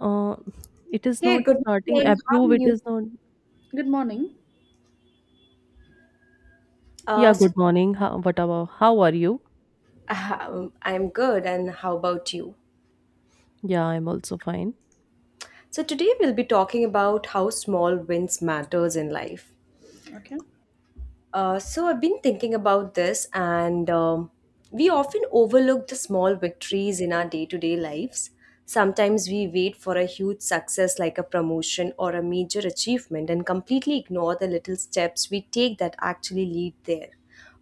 Uh, it is Hey, not good starting. Good morning. How are Approve. It you? is not. good morning. Uh, Yeah, so, good morning. How, what about? How are you? I'm good, and how about you? Yeah, I'm also fine. So today we'll be talking about how small wins matters in life. Okay. So I've been thinking about this, and we often overlook the small victories in our day to day lives. Sometimes we wait for a huge success like a promotion or a major achievement and completely ignore the little steps we take that actually lead there.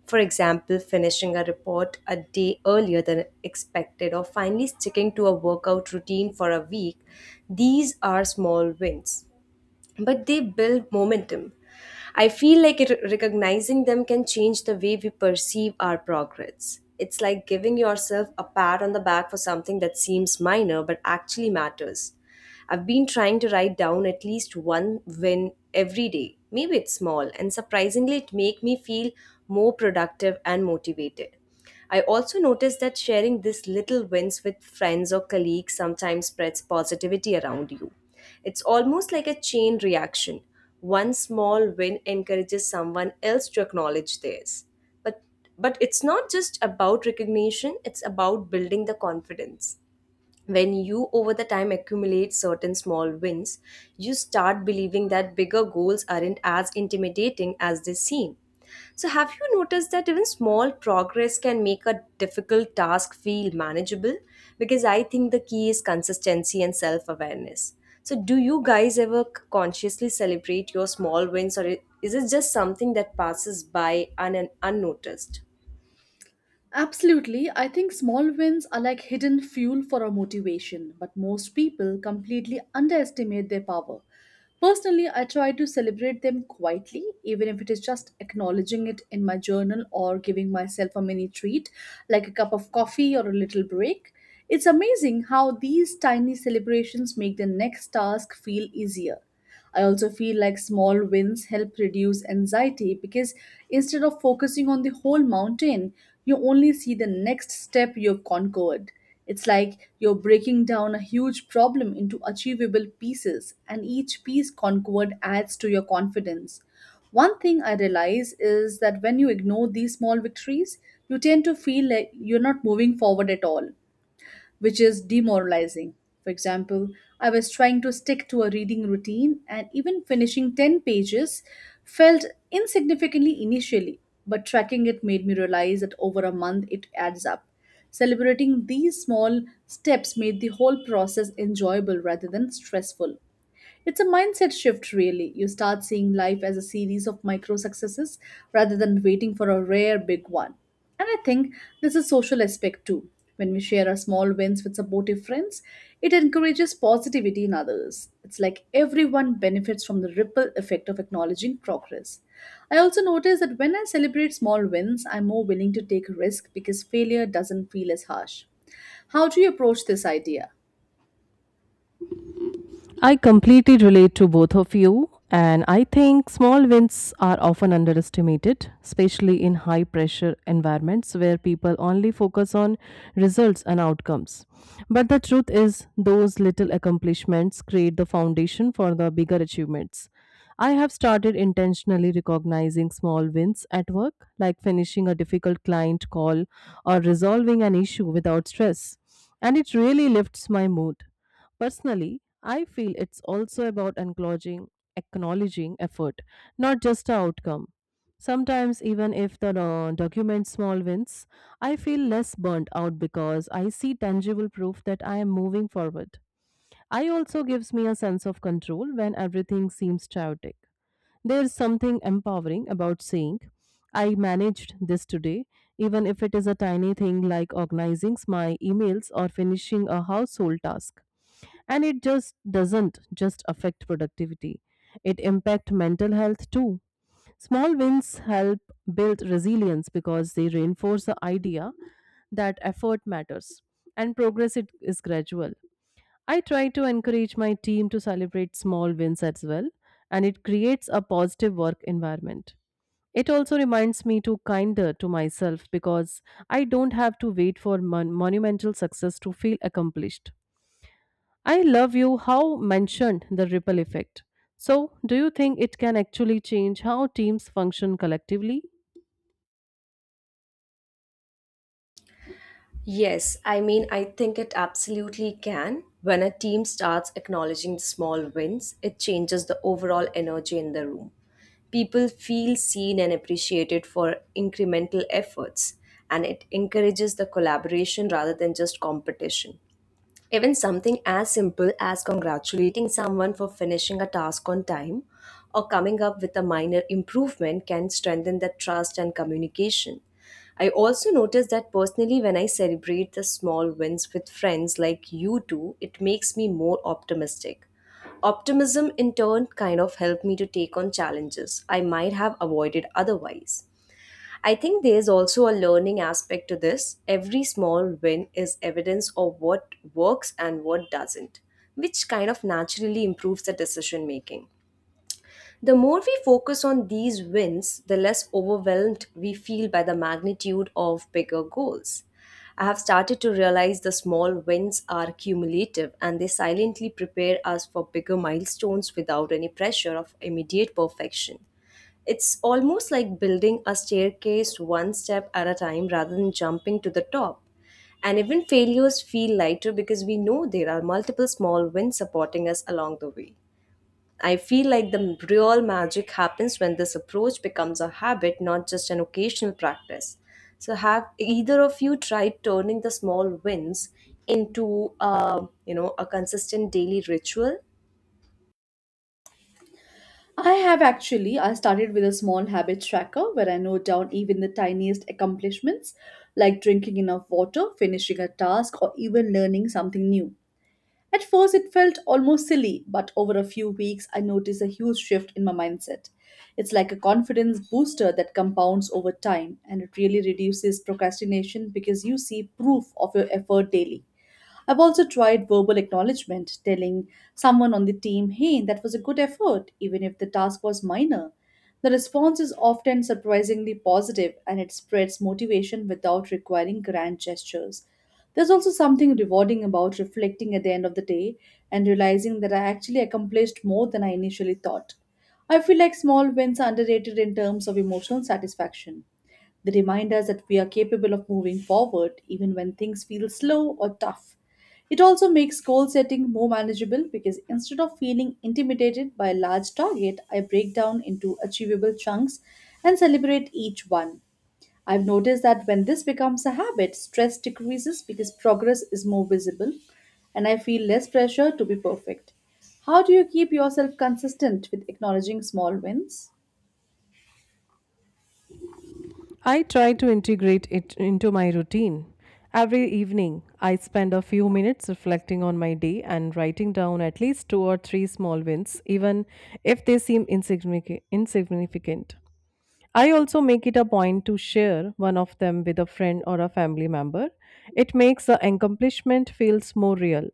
For example, finishing a report a day earlier than expected or finally sticking to a workout routine for a week. These are small wins, but they build momentum. I feel like it, recognizing them can change the way we perceive our progress. It's like giving yourself a pat on the back for something that seems minor but actually matters. I've been trying to write down at least one win every day. Maybe it's small, and surprisingly, it makes me feel more productive and motivated. I also noticed that sharing these little wins with friends or colleagues sometimes spreads positivity around you. It's almost like a chain reaction. One small win encourages someone else to acknowledge theirs. But but it's not just about recognition, it's about building the confidence when you over the time accumulate certain small wins. You start believing that bigger goals aren't as intimidating as they seem. So have you noticed that even small progress can make a difficult task feel manageable? Because I think the key is consistency and self awareness. So do you guys ever consciously celebrate your small wins, or is it just something that passes by unnoticed? Absolutely. I think small wins are like hidden fuel for our motivation, but most people completely underestimate their power. Personally, I try to celebrate them quietly, even if it is just acknowledging it in my journal or giving myself a mini treat, like a cup of coffee or a little break. It's amazing how these tiny celebrations make the next task feel easier. I also feel like small wins help reduce anxiety because instead of focusing on the whole mountain, you only see the next step you've conquered. It's like you're breaking down a huge problem into achievable pieces, and each piece conquered adds to your confidence. One thing I realize is that when you ignore these small victories, you tend to feel like you're not moving forward at all, which is demoralizing. For example, I was trying to stick to a reading routine, and even finishing 10 pages felt insignificantly initially, but tracking it made me realize that over a month it adds up. Celebrating these small steps made the whole process enjoyable rather than stressful. It's a mindset shift, really. You start seeing life as a series of micro successes rather than waiting for a rare big one. And I think there's a social aspect too. When we share our small wins with supportive friends, it encourages positivity in others. It's like everyone benefits from the ripple effect of acknowledging progress. I also notice that when I celebrate small wins, I'm more willing to take risk because failure doesn't feel as harsh. How do you approach this idea? I completely relate to both of you, and I think small wins are often underestimated, especially in high pressure environments where people only focus on results and outcomes. But the truth is, those little accomplishments create the foundation for the bigger achievements. I have started intentionally recognizing small wins at work, like finishing a difficult client call or resolving an issue without stress, and it really lifts my mood. Personally, I feel it's also about acknowledging, acknowledging effort, not just the outcome. Sometimes, even if the document small wins, I feel less burnt out because I see tangible proof that I am moving forward. I also gives me a sense of control when everything seems chaotic. There's something empowering about saying, I managed this today, even if it is a tiny thing like organizing my emails or finishing a household task, and it just doesn't just affect productivity, it impacts mental health too. Small wins help build resilience because they reinforce the idea that effort matters and progress it is gradual. I try to encourage my team to celebrate small wins as well, and it creates a positive work environment. It also reminds me to kinder to myself because I don't have to wait for monumental success to feel accomplished. I love you how mentioned the ripple effect. So, do you think it can actually change how teams function collectively? Yes, I mean, I think it absolutely can. When a team starts acknowledging small wins, it changes the overall energy in the room. People feel seen and appreciated for incremental efforts, and it encourages the collaboration rather than just competition. Even something as simple as congratulating someone for finishing a task on time or coming up with a minor improvement can strengthen the trust and communication. I also notice that personally, when I celebrate the small wins with friends like you two, it makes me more optimistic. Optimism in turn kind of helped me to take on challenges I might have avoided otherwise. I think there's also a learning aspect to this. Every small win is evidence of what works and what doesn't, which kind of naturally improves the decision making. The more we focus on these wins, the less overwhelmed we feel by the magnitude of bigger goals. I have started to realize the small wins are cumulative and they silently prepare us for bigger milestones without any pressure of immediate perfection. It's almost like building a staircase one step at a time rather than jumping to the top. And even failures feel lighter because we know there are multiple small wins supporting us along the way. I feel like the real magic happens when this approach becomes a habit, not just an occasional practice. So, have either of you tried turning the small wins into a, you know, a consistent daily ritual? I have actually. I started with a small habit tracker where I note down even the tiniest accomplishments, like drinking enough water, finishing a task, or even learning something new. At first, it felt almost silly, but over a few weeks, I noticed a huge shift in my mindset. It's like a confidence booster that compounds over time, and it really reduces procrastination because you see proof of your effort daily. I've also tried verbal acknowledgement, telling someone on the team, hey, that was a good effort, even if the task was minor. The response is often surprisingly positive and it spreads motivation without requiring grand gestures. There's also something rewarding about reflecting at the end of the day and realizing that I actually accomplished more than I initially thought. I feel like small wins are underrated in terms of emotional satisfaction. They remind us that we are capable of moving forward even when things feel slow or tough. It also makes goal setting more manageable because instead of feeling intimidated by a large target, I break down into achievable chunks and celebrate each one. I've noticed that when this becomes a habit, stress decreases because progress is more visible and I feel less pressure to be perfect. How do you keep yourself consistent with acknowledging small wins? I try to integrate it into my routine. Every evening, I spend a few minutes reflecting on my day and writing down at least two or three small wins, even if they seem insignificant. I also make it a point to share one of them with a friend or a family member. It makes the accomplishment feels more real.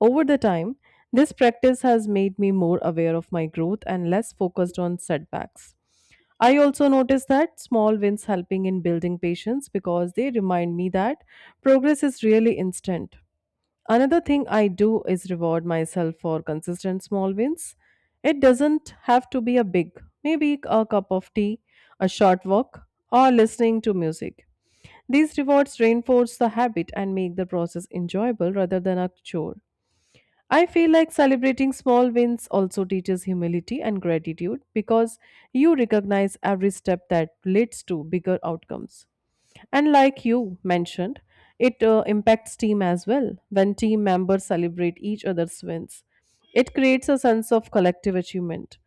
Over the time, this practice has made me more aware of my growth and less focused on setbacks. I also noticed that small wins helping in building patience because they remind me that progress is really instant. Another thing I do is reward myself for consistent small wins. It doesn't have to be a big, maybe a cup of tea, a short walk, or listening to music. These rewards reinforce the habit and make the process enjoyable rather than a chore. I feel like celebrating small wins also teaches humility and gratitude because you recognize every step that leads to bigger outcomes. And like you mentioned, it impacts team as well. When team members celebrate each other's wins, it creates a sense of collective achievement.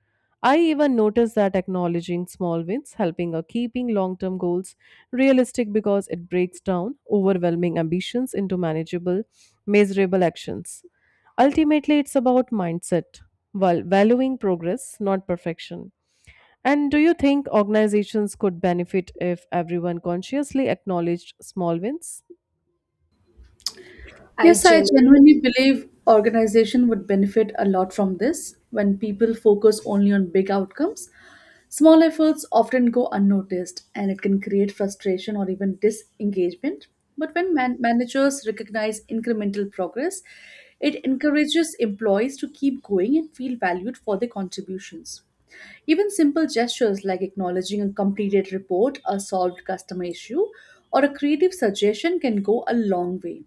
I even noticed that acknowledging small wins, helping or keeping long term goals realistic because it breaks down overwhelming ambitions into manageable, measurable actions. Ultimately, it's about mindset, while valuing progress, not perfection. And do you think organizations could benefit if everyone consciously acknowledged small wins? I Yes, I genuinely genuinely believe organization would benefit a lot from this when people focus only on big outcomes. Small efforts often go unnoticed and it can create frustration or even disengagement. But when managers recognize incremental progress, it encourages employees to keep going and feel valued for their contributions. Even simple gestures like acknowledging a completed report, a solved customer issue, or a creative suggestion can go a long way.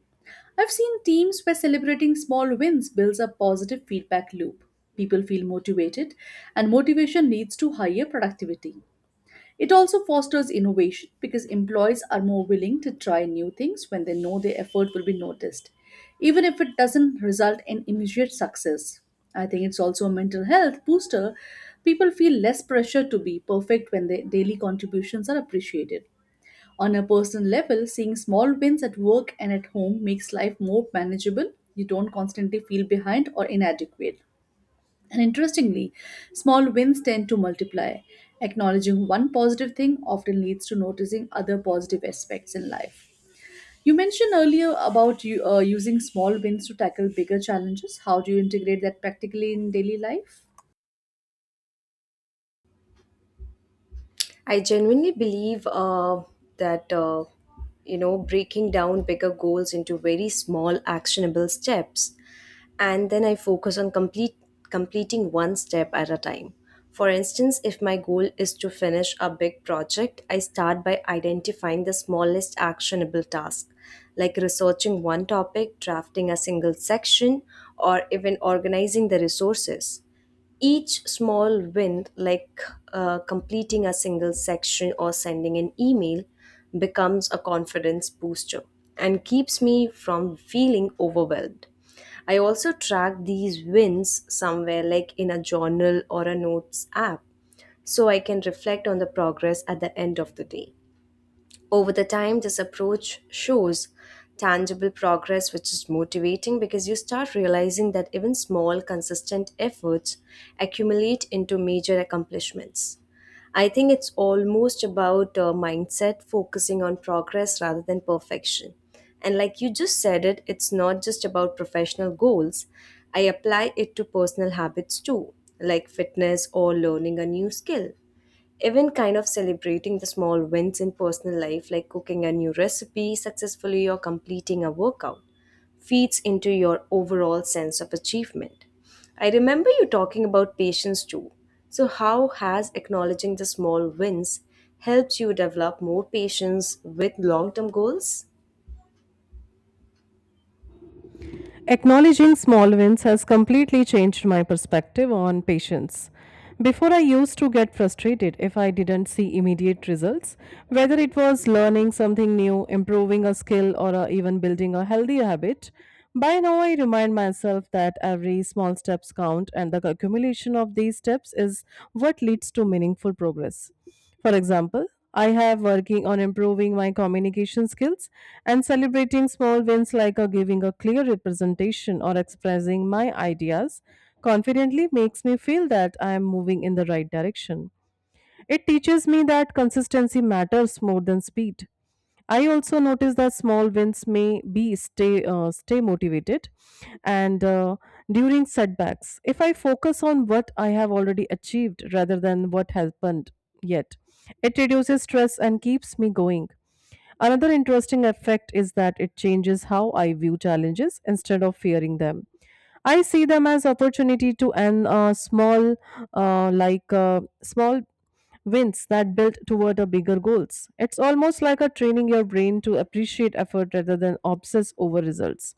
I've seen teams where celebrating small wins builds a positive feedback loop. People feel motivated, and motivation leads to higher productivity. It also fosters innovation because employees are more willing to try new things when they know their effort will be noticed, even if it doesn't result in immediate success. I think it's also a mental health booster. People feel less pressure to be perfect when their daily contributions are appreciated. On a personal level, seeing small wins at work and at home makes life more manageable. You don't constantly feel behind or inadequate. And interestingly, small wins tend to multiply. Acknowledging one positive thing often leads to noticing other positive aspects in life. You mentioned earlier about using small wins to tackle bigger challenges. How do you integrate that practically in daily life? I genuinely believe that you know, breaking down bigger goals into very small actionable steps, and then I focus on complete completing one step at a time. For instance, if my goal is to finish a big project, I start by identifying the smallest actionable task, like researching one topic, drafting a single section, or even organizing the resources. Each small win, like completing a single section or sending an email, becomes a confidence booster and keeps me from feeling overwhelmed. I also track these wins somewhere, like in a journal or a notes app, so I can reflect on the progress at the end of the day. Over the time, this approach shows tangible progress, which is motivating because you start realizing that even small, consistent efforts accumulate into major accomplishments. I think it's almost about mindset focusing on progress rather than perfection. And like you just said it, it's not just about professional goals. I apply it to personal habits too, like fitness or learning a new skill, even kind of celebrating the small wins in personal life, like cooking a new recipe successfully or completing a workout, feeds into your overall sense of achievement. I remember you talking about patience too. So how has acknowledging the small wins helped you develop more patience with long term goals? Acknowledging small wins has completely changed my perspective on patience. Before, I used to get frustrated if I didn't see immediate results, whether it was learning something new, improving a skill, or even building a healthy habit. By now, I remind myself that every small steps count, and the accumulation of these steps is what leads to meaningful progress. For example, I have working on improving my communication skills and celebrating small wins like giving a clear representation or expressing my ideas confidently makes me feel that I am moving in the right direction. It teaches me that consistency matters more than speed. I also notice that small wins may be stay stay motivated, and during setbacks, if I focus on what I have already achieved rather than what happened yet, it reduces stress and keeps me going. Another interesting effect is that it changes how I view challenges instead of fearing them. I see them as opportunity to an small, small wins that build toward a bigger goals. It's almost like a training your brain to appreciate effort rather than obsess over results.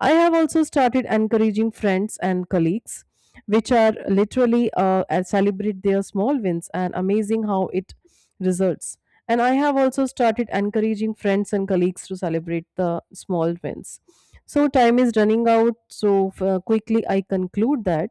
I have also started encouraging friends and colleagues, which are literally and celebrate their small wins and amazing how it results. And I have also started encouraging friends and colleagues to celebrate the small wins. So time is running out. So quickly, I conclude that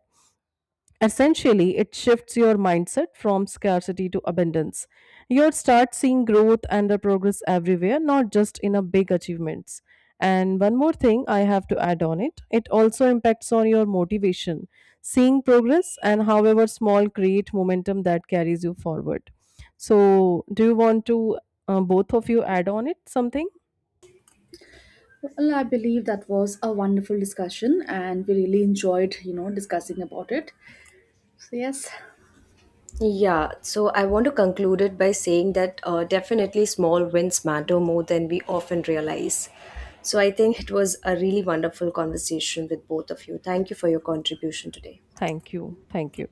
essentially, it shifts your mindset from scarcity to abundance. You'll start seeing growth and the progress everywhere, not just in a big achievements. And one more thing I have to add on it, it also impacts on your motivation. Seeing progress and however small create momentum that carries you forward. So, do you want to both of you add on it something? Well, I believe that was a wonderful discussion, and we really enjoyed, discussing about it. So yes, Yeah, so I want to conclude it by saying that definitely small wins matter more than we often realize. So I think it was a really wonderful conversation with both of you. Thank you for your contribution today. Thank you. Thank you.